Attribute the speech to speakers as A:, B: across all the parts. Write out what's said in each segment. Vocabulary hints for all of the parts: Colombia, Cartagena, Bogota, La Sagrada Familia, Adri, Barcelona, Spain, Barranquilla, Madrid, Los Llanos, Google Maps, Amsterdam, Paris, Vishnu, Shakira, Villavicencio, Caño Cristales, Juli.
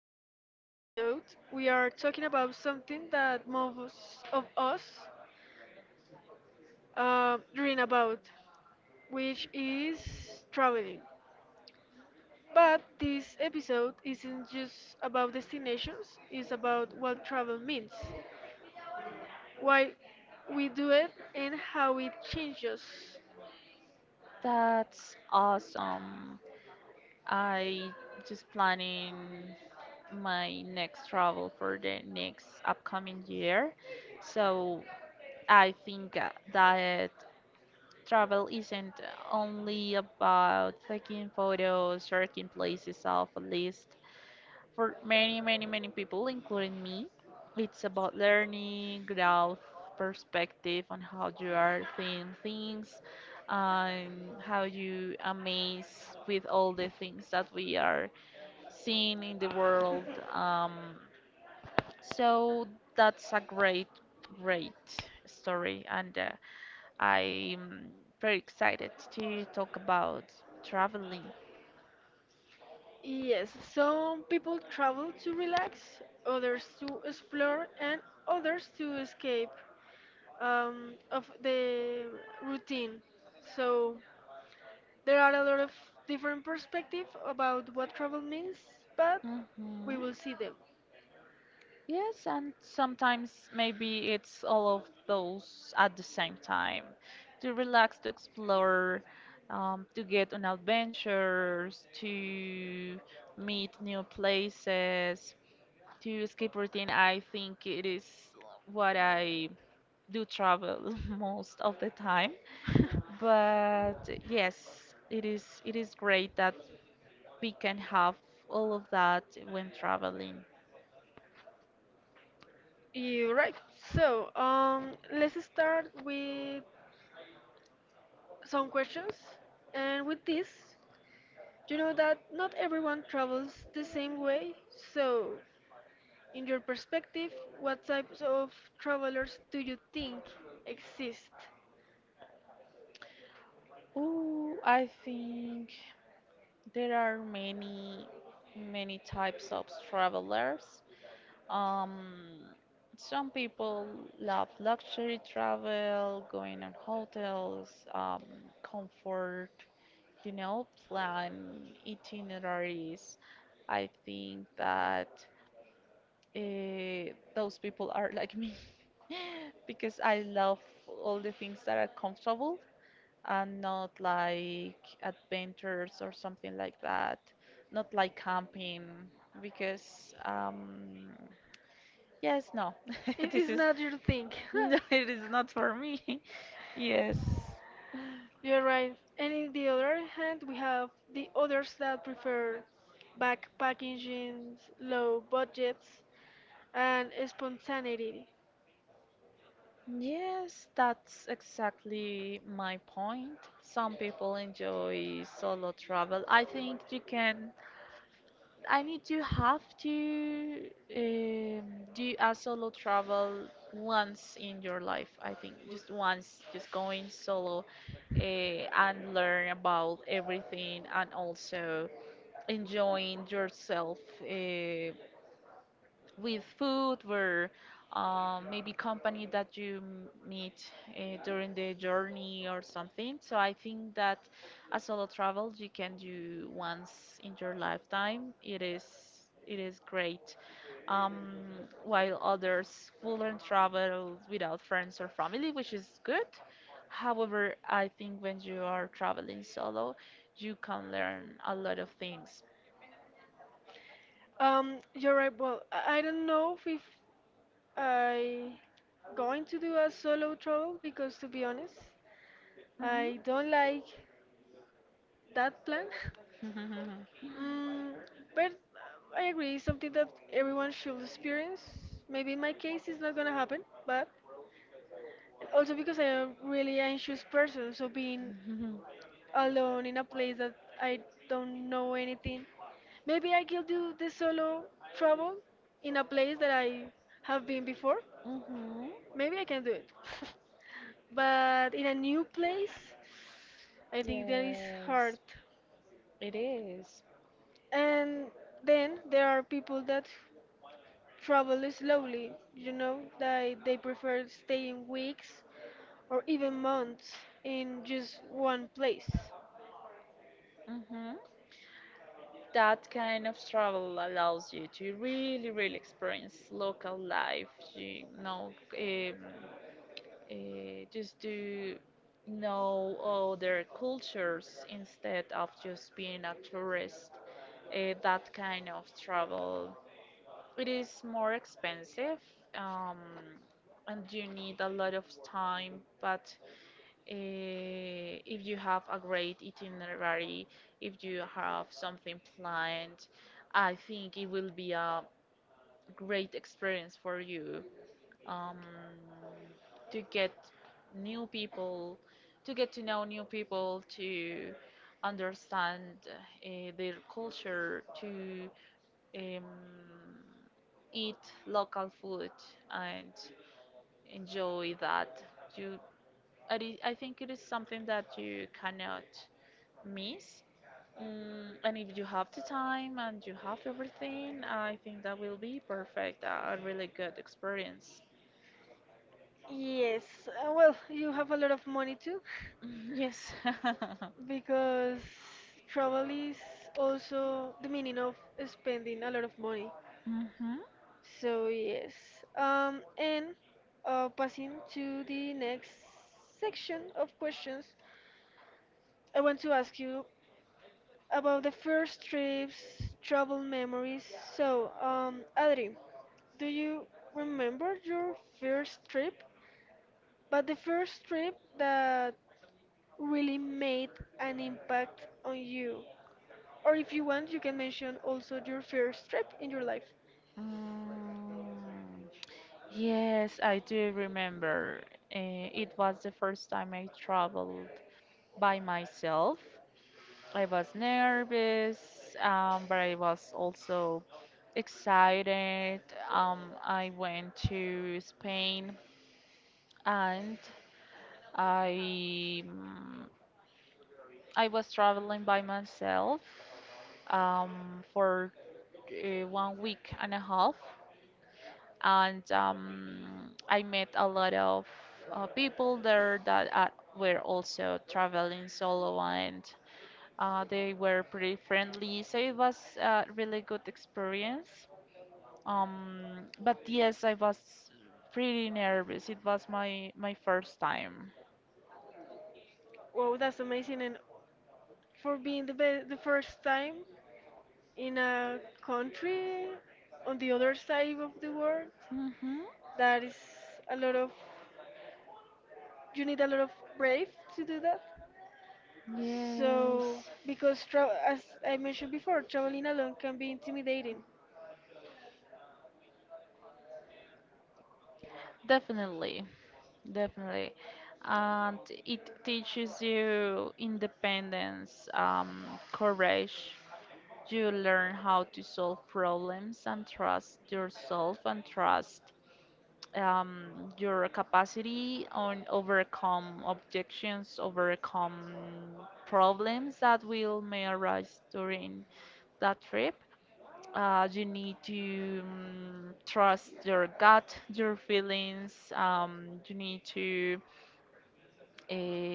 A: today's episode, we are talking about something that most of us dream about, which is traveling. But this episode isn't just about destinations, it's about what travel means, why we do it, and how it changes.
B: That's awesome. I just planning my next travel for the next upcoming year. So I think that travel isn't only about taking photos, checking places off a list. For many, many, many people, including me, it's about learning, growth, perspective on how you are seeing things, and how you amaze with all the things that we are seeing in the world. Um, so that's a great story, and I'm very excited to talk about traveling.
A: Yes, some people travel to relax, others to explore, and others to escape of the routine. So there are a lot of different perspectives about what travel means, but we
B: hmm
A: will see them.
B: Yes, and sometimes maybe it's all of those at the same time. To relax, to explore, to get on adventures, to meet new places, to escape routine. I think it is what I do travel most of the time. But yes, it is great that we can have all of that when traveling.
A: You're right. So let's start with some questions. And with this, you know that not everyone travels the same way, so, in your perspective, what types of travelers do you think exist?
B: Oh, I think. There are many, many types of travelers. Um, some people love luxury travel, going on hotels, comfort, you know, plan itineraries. I think that those people are like me because I love all the things that are comfortable and not like adventures or something like that, not like camping, because yes, no,
A: It
B: this
A: is
B: is
A: not your thing.
B: no, it is not for me. Yes.
A: You're right. And in the other hand, we have the others that prefer backpacking, low budgets, and spontaneity.
B: Yes, that's exactly my point. Some people enjoy solo travel. I think you can I need to have to um, do a solo travel once in your life. I think just once, just going solo and learn about everything and also enjoying yourself uh, with food or maybe company that you meet during the journey or something. So I think that a solo travel you can do once in your lifetime. It is great. Um, while others will and travel without friends or family, which is good. However, I think when you are traveling solo, you can learn a lot of things.
A: You're right. Well, I don't know if I going to do a solo travel because, to be honest,
B: Mhm.
A: I don't like that plan. Mm, but I agree, it's something that everyone should experience. Maybe in my case, it's not gonna happen, but and also because I'm a really anxious person, so being alone in a place that I don't know anything, maybe I can do the solo travel in a place that I have been before.
B: Mhm.
A: Maybe I can do it, but in a new place, I think that is hard.
B: Yes, it is.
A: And then there are people that travel slowly, that they prefer staying weeks or even months in just one place.
B: Hmm. That kind of travel allows you to really, really experience local life. You know, um, just to know other cultures instead of just being a tourist. That kind of travel, it is more expensive, um, and you need a lot of time, but if you have a great itinerary, if you have something planned, I think it will be a great experience for you um, to get new people, to get to know new people, to understand their culture, to um, eat local food and enjoy that. You, I think it is something that you cannot. Miss. Mm, and if you have the time and you have everything, I think that will be perfect. A really good experience.
A: Yes, well, you have a lot of money too,
B: Mm, yes.
A: because travel is also the meaning of spending a lot of money.
B: Mm-hmm.
A: So yes, and passing to the next section of questions, I want to ask you about the first trips, travel memories. So, Adri, do you remember your first trip? But the first trip that really made an impact on you. Or if you want, you can mention also your first trip in your life.
B: Mm. Yes, I do remember. It was the first time I traveled by myself. I was nervous, but I was also excited. I went to Spain and I mm, I was traveling by myself for 1 week and a half, and I met a lot of people there that were also traveling solo, and they were pretty friendly. So it was a really good experience. But yes, I was pretty nervous. It was my first time.
A: Wow, that's amazing. And for being the first time in a country on the other side of the world,
B: Hmm.
A: that is a lot of you need a lot of brave to do that. So,
B: Yes.
A: because as I mentioned before, traveling alone can be intimidating.
B: Definitely, definitely. And it teaches you independence, courage. You learn how to solve problems and trust yourself and trust your capacity on overcome objections, overcome problems that will may arise during that trip. You need to trust your gut, your feelings. You need to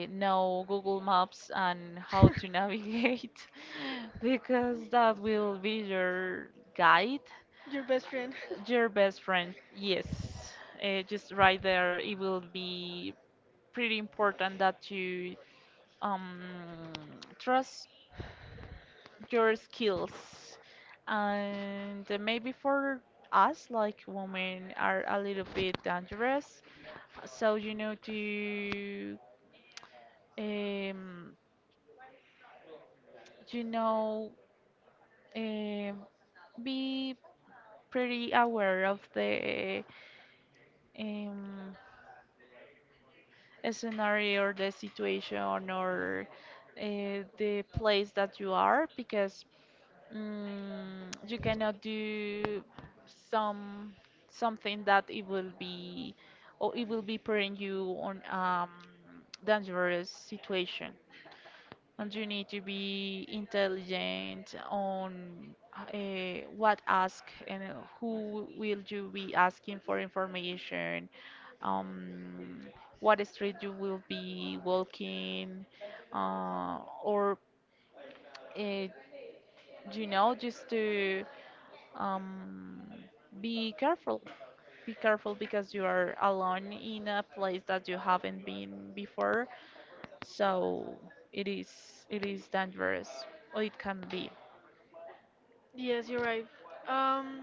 B: know Google Maps and how to navigate because that will be your guide,
A: Your best friend.
B: your best friend. Yes, just right there, it will be pretty important that you um, trust your skills and maybe for us like women are a little bit dangerous so you know to um, you know um, be pretty aware of the um, scenario or the situation or the place that you are because Mm, you cannot do some something that it will be or it will be putting you on dangerous situation and you need to be intelligent on what ask and who will you be asking for information um what street you will be walking or uh, you know just to um, be careful. Be careful because you are alone in a place that you haven't been before, so it is it is dangerous. Or it can be.
A: Yes, you're right. Um,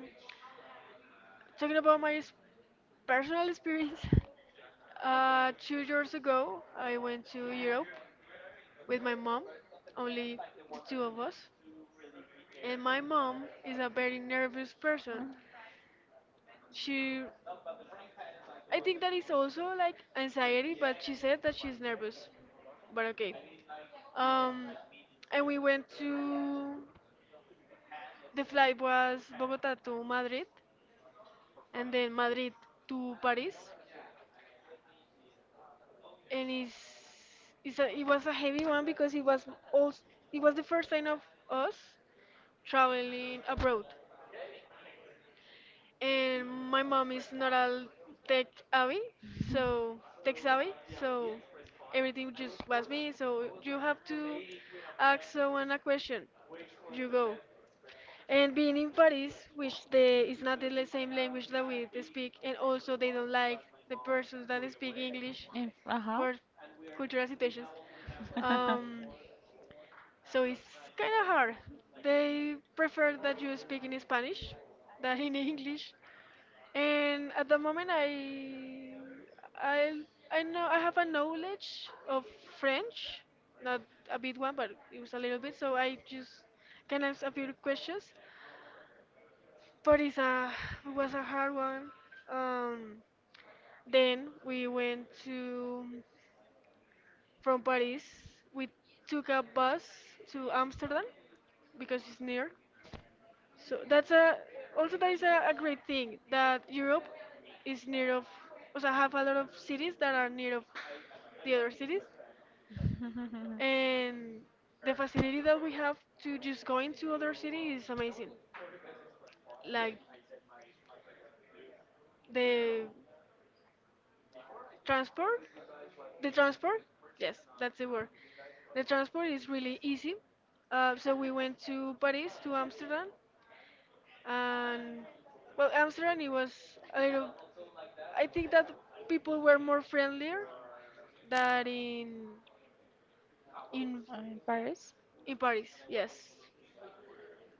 A: Talking about my personal experience, 2 years ago, I went to Europe with my mom, only the two of us. And my mom is a very nervous person.
B: Mm.
A: She I think that is also like anxiety, but she said that she's nervous. But okay. Um, and we went to the flight was Bogota to Madrid, and then Madrid to Paris, and it was a heavy one because also it was the first time of us traveling abroad. And my mom is not a tech savvy, so tech savvy, so everything just was me. So you have to ask someone a question. You go. And being in Paris, which is not the same language that we they speak, and also they don't like the persons that speak English
B: If, uh-huh.
A: for cultural situations. Um, so it's kind of hard. They prefer that you speak in Spanish than in English. And at the moment, I I know I have a knowledge of French, not a big one, but it was a little bit. So I just can ask a few questions, but it was a hard one. Um, then we went to from Paris. We took a bus to Amsterdam because it's near. So that is a great thing that Europe is near of, also have a lot of cities that are near of the other cities, and the facility that we have to just go into other city is amazing. Like the transport the transport, yes, that's the word, the transport is really easy. So we went to Paris to Amsterdam, and well, Amsterdam, it was a little, I think that people were more friendlier than in
B: In Paris?
A: in Paris. Yes.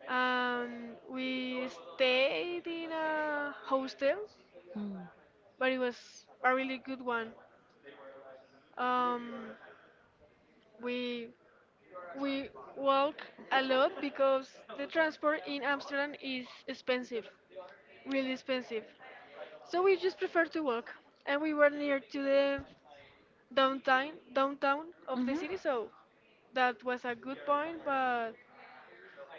A: We stayed in a hostel,
B: Hmm.
A: but it was a really good one. Um, we we walk a lot because the transport in Amsterdam is expensive, really expensive. So we just prefer to walk, and we were near to the downtown of the
B: Hmm.
A: city, so that was a good point, but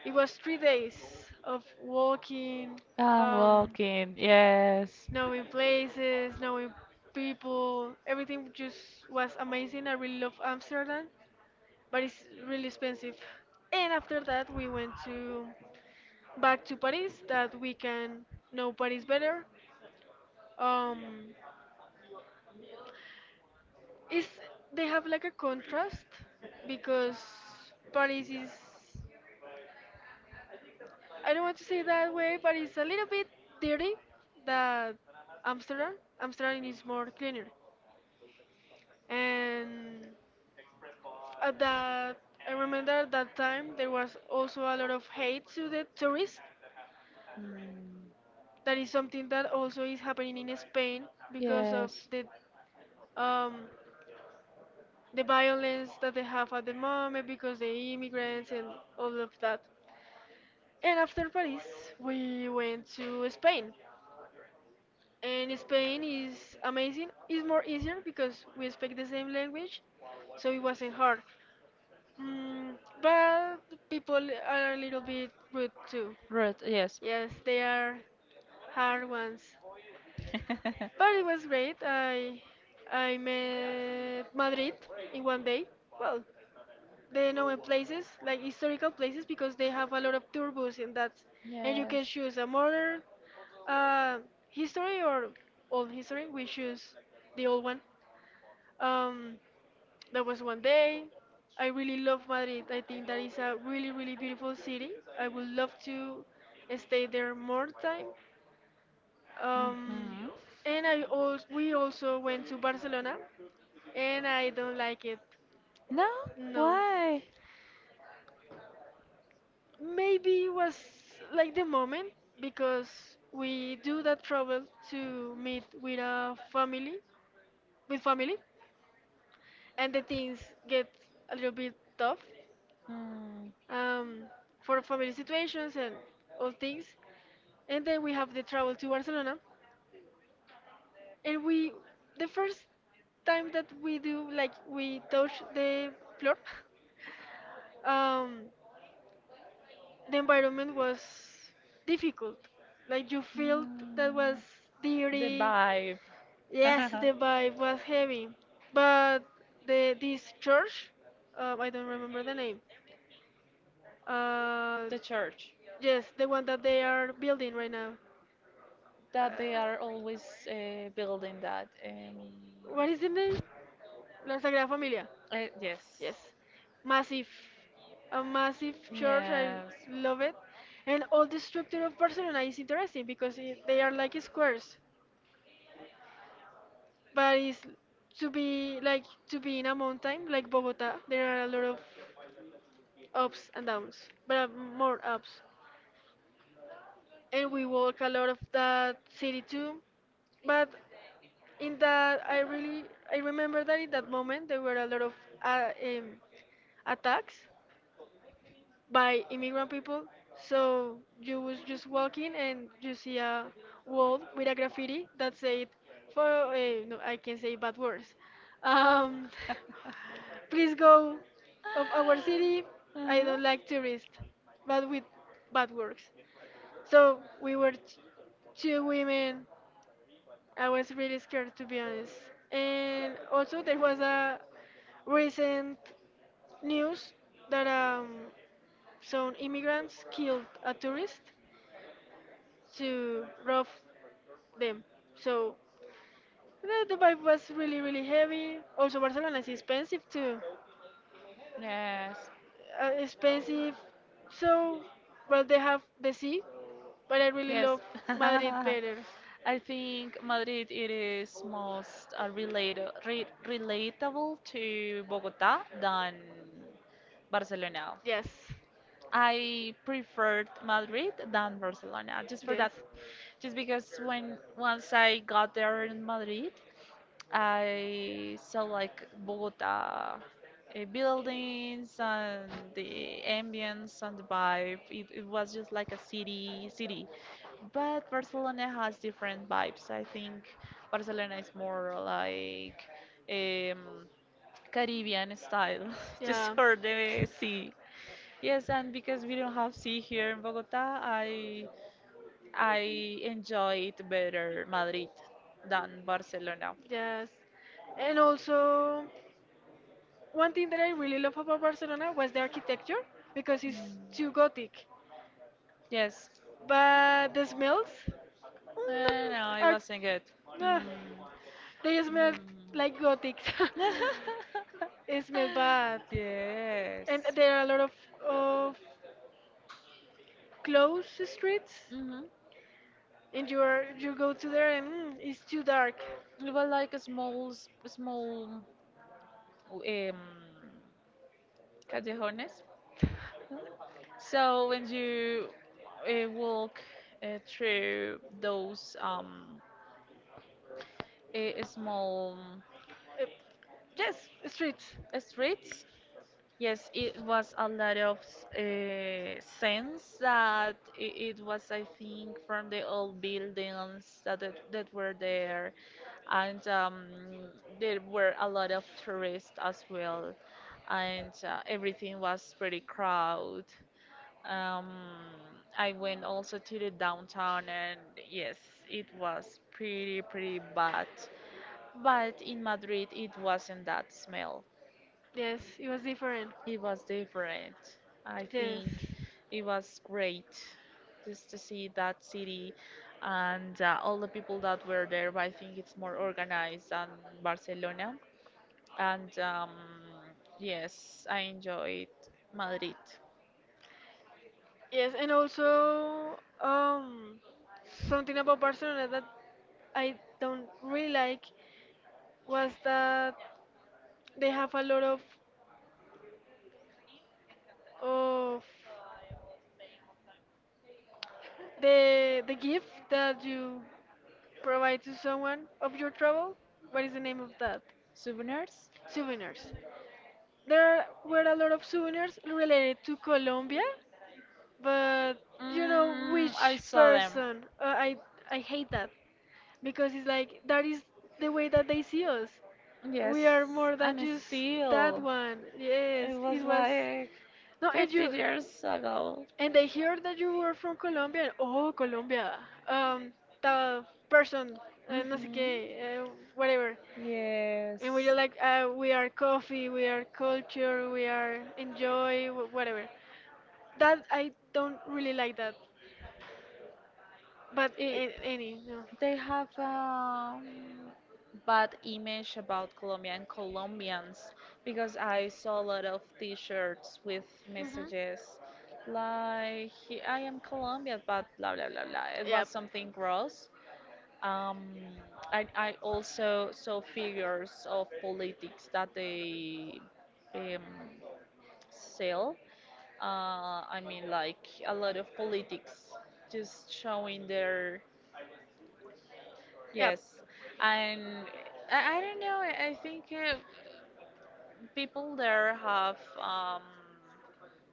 A: it was 3 days of walking,
B: I'm
A: um,
B: walking, yes.
A: knowing places, knowing people, everything just was amazing. I really love Amsterdam, but it's really expensive. And after that, we went to back to Paris, that we can know Paris better. Um, is They have like a contrast because Paris is, I don't want to say it that way, but it's a little bit dirty that Amsterdam. Amsterdam is more cleaner. And at that, I remember at that time there was also a lot of hate to the tourists.
B: Mm.
A: That is something that also is happening in Spain because of
B: Yes.
A: um, the violence that they have at the moment because the immigrants and all of that. And after Paris, we went to Spain. And Spain is amazing. It's more easier because we speak the same language, so it wasn't hard. Mm, but people are a little bit rude too.
B: Right, yes.
A: Yes, they are hard ones. But it was great. I met Madrid in one day. Well, they know in places, like historical places, because they have a lot of tour buses in that, and you
B: Yes.
A: can choose a modern uh, history or old history. We choose the old one. Um, that was one day. I really love Madrid. I think that is a really, really beautiful city. I would love to stay there more time. Um,
B: Mm-hmm.
A: and I also we also went to Barcelona, and I don't like it.
B: No?
A: No.
B: Why?
A: Maybe it was like the moment because we do that travel to meet with a family, with family, and the things get a little bit tough,
B: Mm.
A: um, for family situations and all things. And then we have the travel to Barcelona, and we the first time that we do, like, we touch the floor. um the environment was difficult. Like, you felt that was
B: Mm. The
A: dirty.
B: vibe,
A: Yes, the vibe was heavy. But the this church, I don't remember the name. Uh,
B: the church,
A: yes, the one that they are building right now. Uh,
B: that they are always building that.
A: what is the name? La Sagrada Familia.
B: Yes.
A: Yes, massive, a massive church. I
B: Yes.
A: love it, and all the structure of Barcelona is interesting because, they are like squares, but it's to be like to be in a mountain like Bogota. There are a lot of ups and downs, but more ups, and we walk a lot of that city too. But in that, I remember that in that moment there were a lot of uh, um, attacks by immigrant people. So you was just walking and you see a wall with a graffiti that said, "For no, I can say bad words. Um, please go of our city. I
B: Uh-huh.
A: don't like tourists," but with bad words. So we were two women. I was really scared, to be honest. And also there was a recent news that some immigrants killed a tourist to rob them. So the vibe was really, really heavy. Also, Barcelona is expensive too.
B: Yes.
A: Expensive. So, well, they have the sea, but I really
B: Yes.
A: love Madrid better.
B: I think Madrid it is most relata- re relatable to Bogota than Barcelona.
A: Yes.
B: I preferred Madrid than Barcelona just for
A: Yes.
B: that. Just because when once I got there in Madrid, I saw like Bogota buildings and the ambience and the vibe. It was just like a city city. But Barcelona has different vibes. I think Barcelona is more like um, Caribbean style, just for the sea. Yes, and because we don't have sea here in Bogota, I enjoy it better Madrid than Barcelona.
A: Yes. And also, one thing that I really love about Barcelona was the architecture because it's too gothic.
B: Yes.
A: But the smells,
B: Uh, no, it
A: are.
B: wasn't good.
A: ah,
B: Mm.
A: they smell like gothic.
B: Mm.
A: It smells bad.
B: Yes.
A: And there are a lot of closed streets,
B: Mhm.
A: and you go to there and, it's too dark.
B: It was like a small um, callejones. No? So when you walk through those small
A: Uh, yes, streets.
B: streets, yes, it was a lot of sense that it was, I think, from the old buildings that that were there, and there were a lot of tourists as well, and everything was pretty crowded. Um, I went also to the downtown, and yes, it was pretty pretty bad. But in Madrid, it wasn't that smell.
A: Yes, it was different.
B: It was different. I
A: Yes,
B: think it was great just to see that city and all the people that were there. But I think it's more organized than Barcelona. And yes, I enjoyed Madrid.
A: yes, and also, something about Barcelona that I don't really like was that they have a lot of of the gift that you provide to someone of your travel. What is the name of that?
B: Souvenirs?
A: Souvenirs. There were a lot of souvenirs related to Colombia, but you know
B: Mm, I
A: which
B: saw them.
A: person, I hate that because it's like that is the way that they see us.
B: Yes,
A: We are more than
B: and
A: just that
B: still,
A: one.
B: it
A: Yes, it
B: was
A: was.
B: like
A: No. And
B: 50
A: you,
B: years ago.
A: and they hear that you were from Colombia, and, oh, Colombia, um the person, no sé
B: Hmm.
A: qué, whatever. And we're
B: Yes.
A: like, we are coffee, we are culture, we are enjoy, whatever. That I don't really like that. But
B: It,
A: any, no.
B: they have bad image about Colombia and Colombians because I saw a lot of T-shirts with
A: Hmm.
B: messages like "I am Colombian," but blah blah blah blah. It was
A: Yep.
B: something gross. Um, I also saw figures of politics that they um, sale. I mean, like a lot of politics just showing their
A: Yep.
B: yes, and I don't know. I think people there have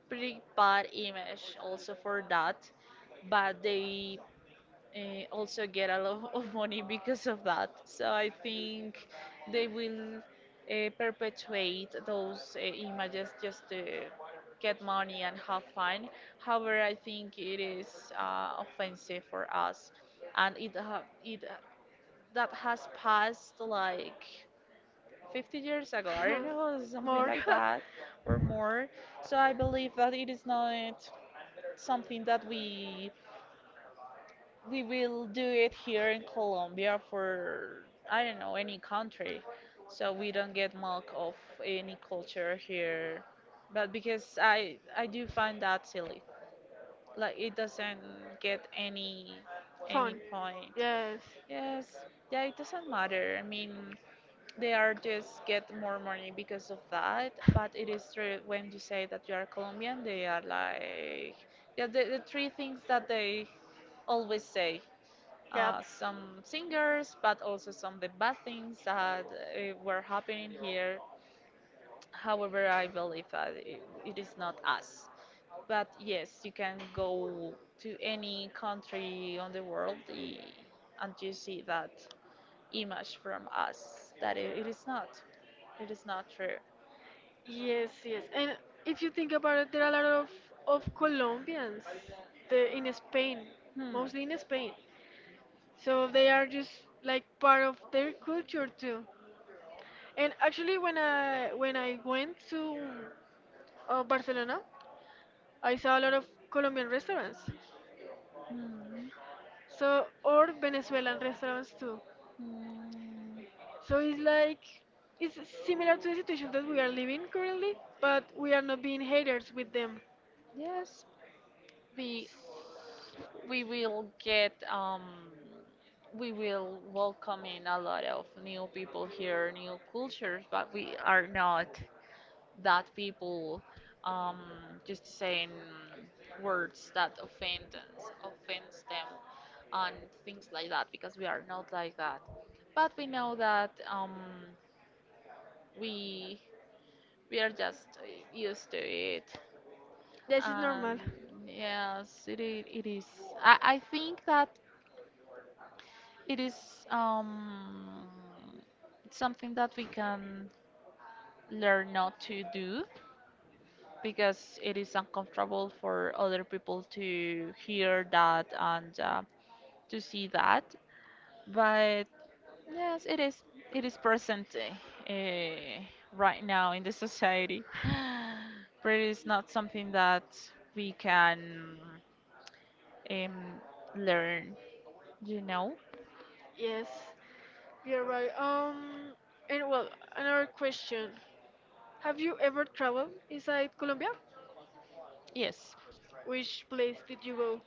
B: pretty bad image also for that, but they also get a lot of money because of that. So I think they will perpetuate those images just to get money and have fun. However, I think it is offensive for us, and it ha it that has passed like 50 years ago. I don't know, something
A: More
B: like that or more. So I believe that it is not something that we will do it here in Colombia for I don't know any country, so we don't get mock of any culture here. But because I do find that silly, like it doesn't get any
A: fun.
B: point.
A: Yes.
B: Yes, yeah, it doesn't matter. I mean, they are just get more money because of that. But it is true when you say that you are Colombian, they are like yeah, the three things that they always say
A: Yep.
B: some singers, but also some the bad things that were happening here. However, I believe that it is not us. But yes, you can go to any country on the world and you see that image from us that it is not. It is not true.
A: Yes, yes. And if you think about it, there are a lot of Colombians, in Spain,
B: Hmm.
A: mostly in Spain. So they are just like part of their culture too. And actually, when I went to Barcelona, I saw a lot of Colombian restaurants.
B: Hmm.
A: So or Venezuelan restaurants too.
B: Hmm.
A: So it's similar to the situation that we are living currently, but we are not being haters with them.
B: Yes, be we will get we will welcome in a lot of new people here, new cultures, but we are not that people um, just saying words that offend offends them and things like that because we are not like that. But we know that we we are just used to it.
A: This is normal.
B: Um, yes, it is. I think that It is something that we can learn not to do because it is uncomfortable for other people to hear that and to see that. But yes, it is present right now in the society, but it is not something that we can um, learn. You know?
A: Yes. You're right. And well, another question. Have you ever traveled inside Colombia?
B: Yes.
A: Which place did you go?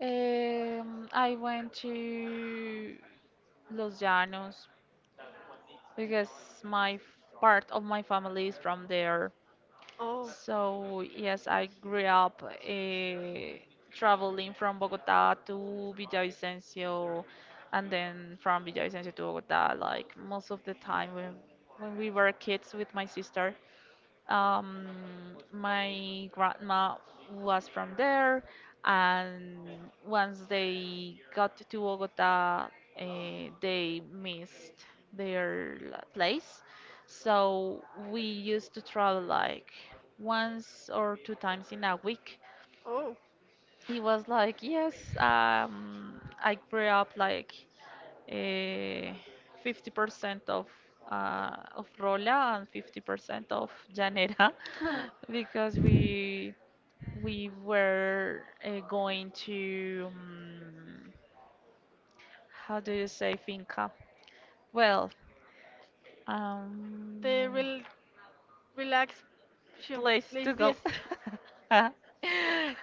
B: I went to Los Llanos because my f- part of my family is from there.
A: Oh,
B: So yes, I grew up traveling from Bogota to Villavicencio, and then from Villavicencio to Bogota. Like most of the time when we were kids with my sister, um, my grandma was from there, and once they got to Bogota, they missed their place. So we used to travel like once or two times in a week.
A: oh.
B: He was like, "Yes, I grew up like uh, 50% of of Rola and 50% of Janera" because we were going to how do you say finca? Well, um,
A: The relaxation
B: place
A: place,
B: to go.
A: yes. Yes,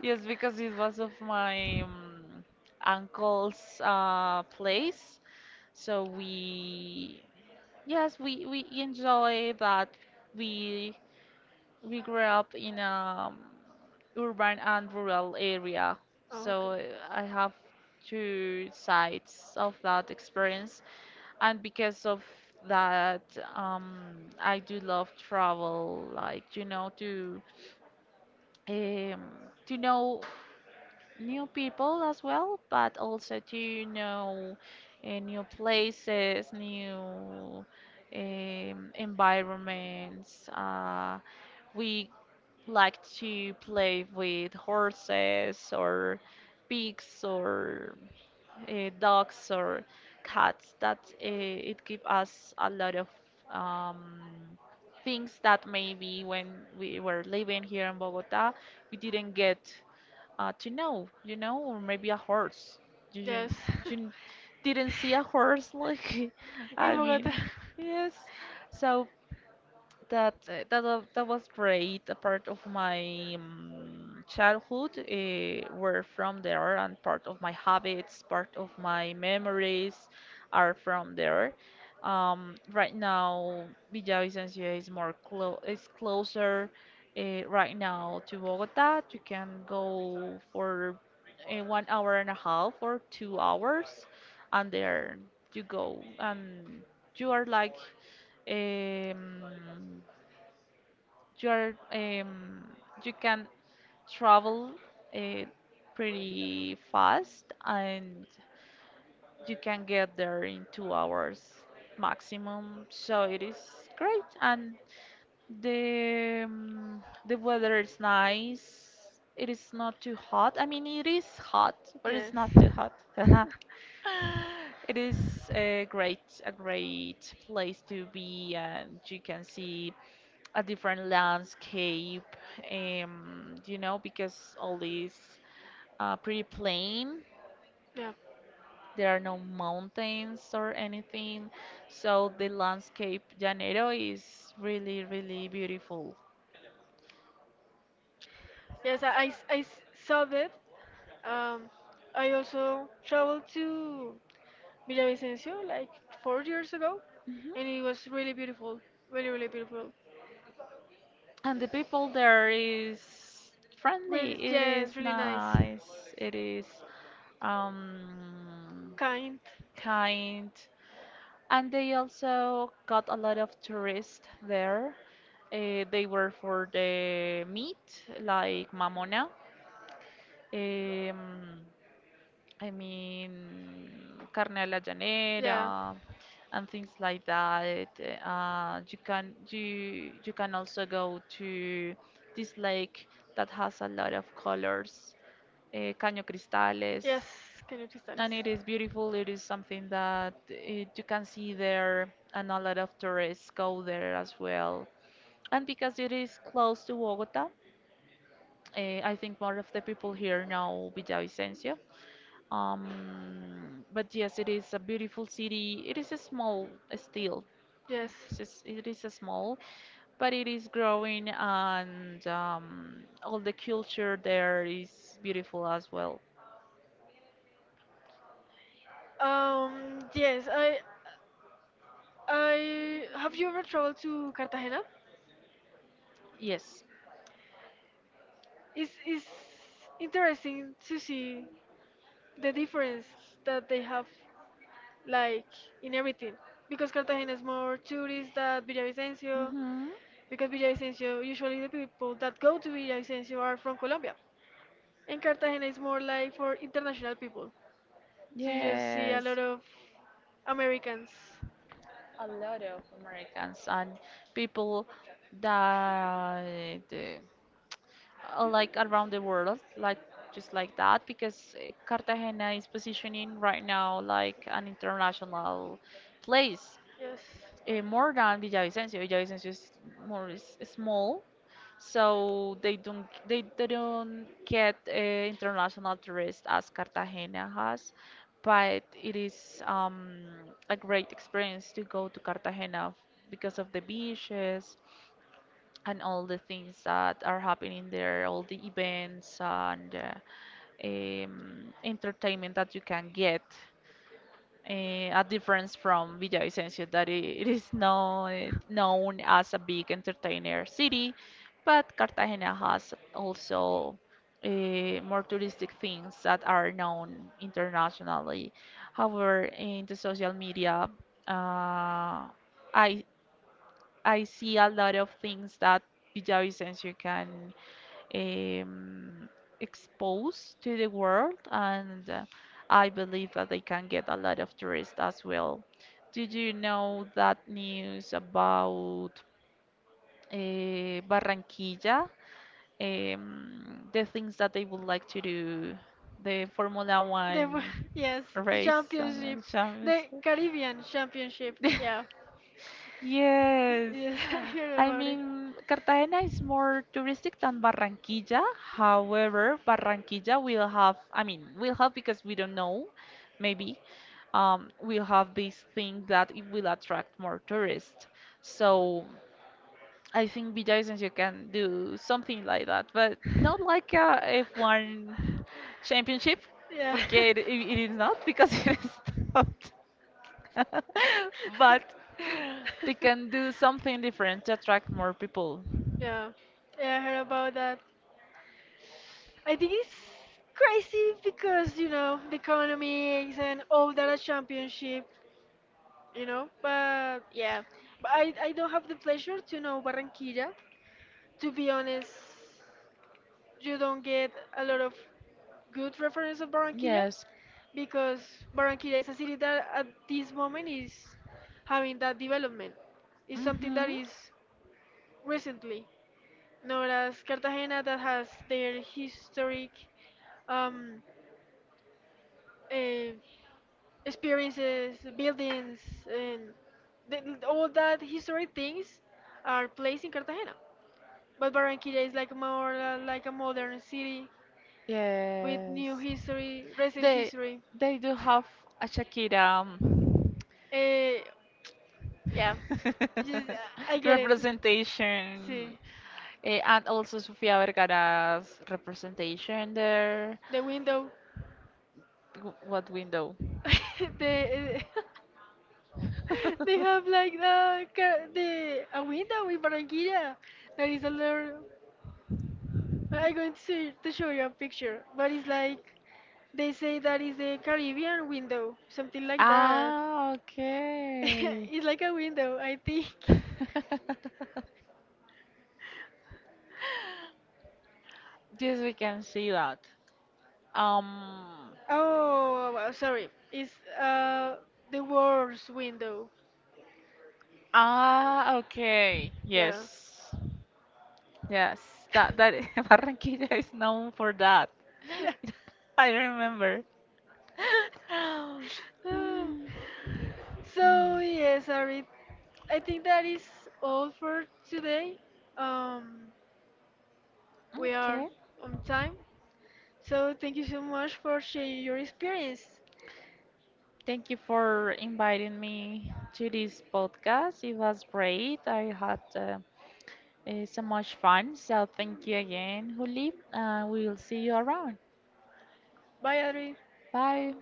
B: Yes, because it was of my uncle's place, so we, yes, we enjoy that. we we grew up in a urban and rural area,
A: oh, okay.
B: so I have two sides of that experience, and because of that, I do love travel, like um, to know new people as well, but also to know new places, new environments. We like to play with horses or pigs or dogs or cats. That it gives us a lot of um, things that maybe when we were living here in Bogota, we didn't get to know, or maybe a horse. You, you
A: Yes,
B: you didn't see a horse, like,
A: in
B: I
A: Bogota.
B: mean, yes. So that was great. A part of my childhood were from there, and part of my habits, part of my memories are from there. Right now, Villavicencio is more clo is closer right now to Bogota. You can go for 1 hour and a half or 2 hours, and there you go, and you are like um, you are you can travel uh, pretty fast, and you can get there in 2 hours maximum, so it is great. And the weather is nice. It is not too hot, I mean, it is hot, but it's
A: Yes.
B: not too hot. It is a great place to be, and you can see a different landscape, you know, because all is pretty plain.
A: Yeah.
B: There are no mountains or anything. So the landscape Janeiro is really, really beautiful.
A: Yes, I saw that. Um, I also traveled to Villavicencio like 4 years ago, and it
B: Hmm.
A: was really beautiful. Really, really beautiful.
B: And the people there is friendly.
A: Really,
B: It
A: yes,
B: is
A: really nice.
B: nice. It is um,
A: Kind.
B: kind. And they also got a lot of tourists there. Eh, they were for the meat, like mamona. Um, I mean, carne a la llanera
A: Yeah.
B: and things like that. You can also go to this lake that has a lot of colors, Caño Cristales.
A: Yes, can you please tell us?
B: And it is beautiful. It is something that, it, you can see there, and a lot of tourists go there as well. And because it is close to Bogota, eh, I think more of the people here know Villavicencio. But yes, it is a beautiful city. It is a small still.
A: Yes.
B: It is a small, but it is growing, and all the culture there is beautiful as well.
A: Yes. I. I. Have you ever traveled to Cartagena?
B: Yes.
A: It's interesting to see the difference that they have, like in everything, because Cartagena is more tourist than Villavicencio,
B: Hmm.
A: because Villavicencio usually the people that go to Villavicencio are from Colombia. And Cartagena is more like for international people. So you just see a
B: Yes,
A: lot of Americans.
B: a lot of Americans and people that like around the world, like just like that, because Cartagena is positioning right now like an international place,
A: Yes.
B: more than Villavicencio. Villavicencio is more is small, so they don't get international tourists as Cartagena has, but it is a great experience to go to Cartagena because of the beaches and all the things that are happening there, all the events and entertainment that you can get, eh, a difference from Villavicencio, that I it is known, known as a big entertainer city, but Cartagena has also, eh, more touristic things that are known internationally. However, in the social media, uh, I I see a lot of things that Villavicencio can um, exposed to the world, and I believe that they can get a lot of tourists as well. Did you know that news about Barranquilla? The things that they would like to do, the Formula
A: The wo-
B: One
A: yes, the
B: race
A: championship,
B: and the
A: the
B: Champions.
A: Caribbean championship. Yeah.
B: Yes.
A: Yes, I heard
B: I
A: about it.
B: mean, Cartagena is more touristic than Barranquilla. However, Barranquilla will have, I mean, will have, because we don't know, maybe, will have this thing that it will attract more tourists. So I think BJS you can do something like that, but not like a F1 championship,
A: Yeah.
B: porque it is not, because it is not. But they can do something different to attract more people.
A: yeah. Yeah, I heard about that. I think it's crazy because you know the economics and all that a championship. But yeah, but I don't have the pleasure to know Barranquilla. To be honest, you don't get a lot of good reference of Barranquilla
B: Yes.
A: because Barranquilla is a city that at this moment is having that development. It's something that
B: Mhm.
A: is recently, nor as Cartagena that has their historic, um, uh, experiences, buildings, and th- all that historic things are placed in Cartagena. But Barranquilla is like more like a modern city with
B: Yes.
A: new history, recent
B: They
A: history.
B: they do have a Shakira,
A: Eh, yeah, just, I get it.
B: representation.
A: See,
B: Eh, and also Sofia Vergara's representation there.
A: the window,
B: W- What window?
A: the eh, they have like the ca- the a window in Barranquilla that is a little. I'm going to show you a picture, but it's like they say that is the Caribbean window, something like that.
B: Ah, okay.
A: It's like a window, I think.
B: Yes, we can see that. Um.
A: Oh, wow, sorry, it's uh the worst window.
B: Ah, okay.
A: Yeah,
B: Yes. Yes. That Barranquilla is known for that.
A: yeah.
B: I remember.
A: Ah.
B: Mm.
A: So yes, Arit, I think that is all for today. Um, We are
B: Okay.
A: on time. So thank you so much for sharing your experience.
B: Thank you for inviting me to this podcast. It was great. I had so much fun. So thank you again, Juli. We'll see you around.
A: Bye, Adri.
B: Bye.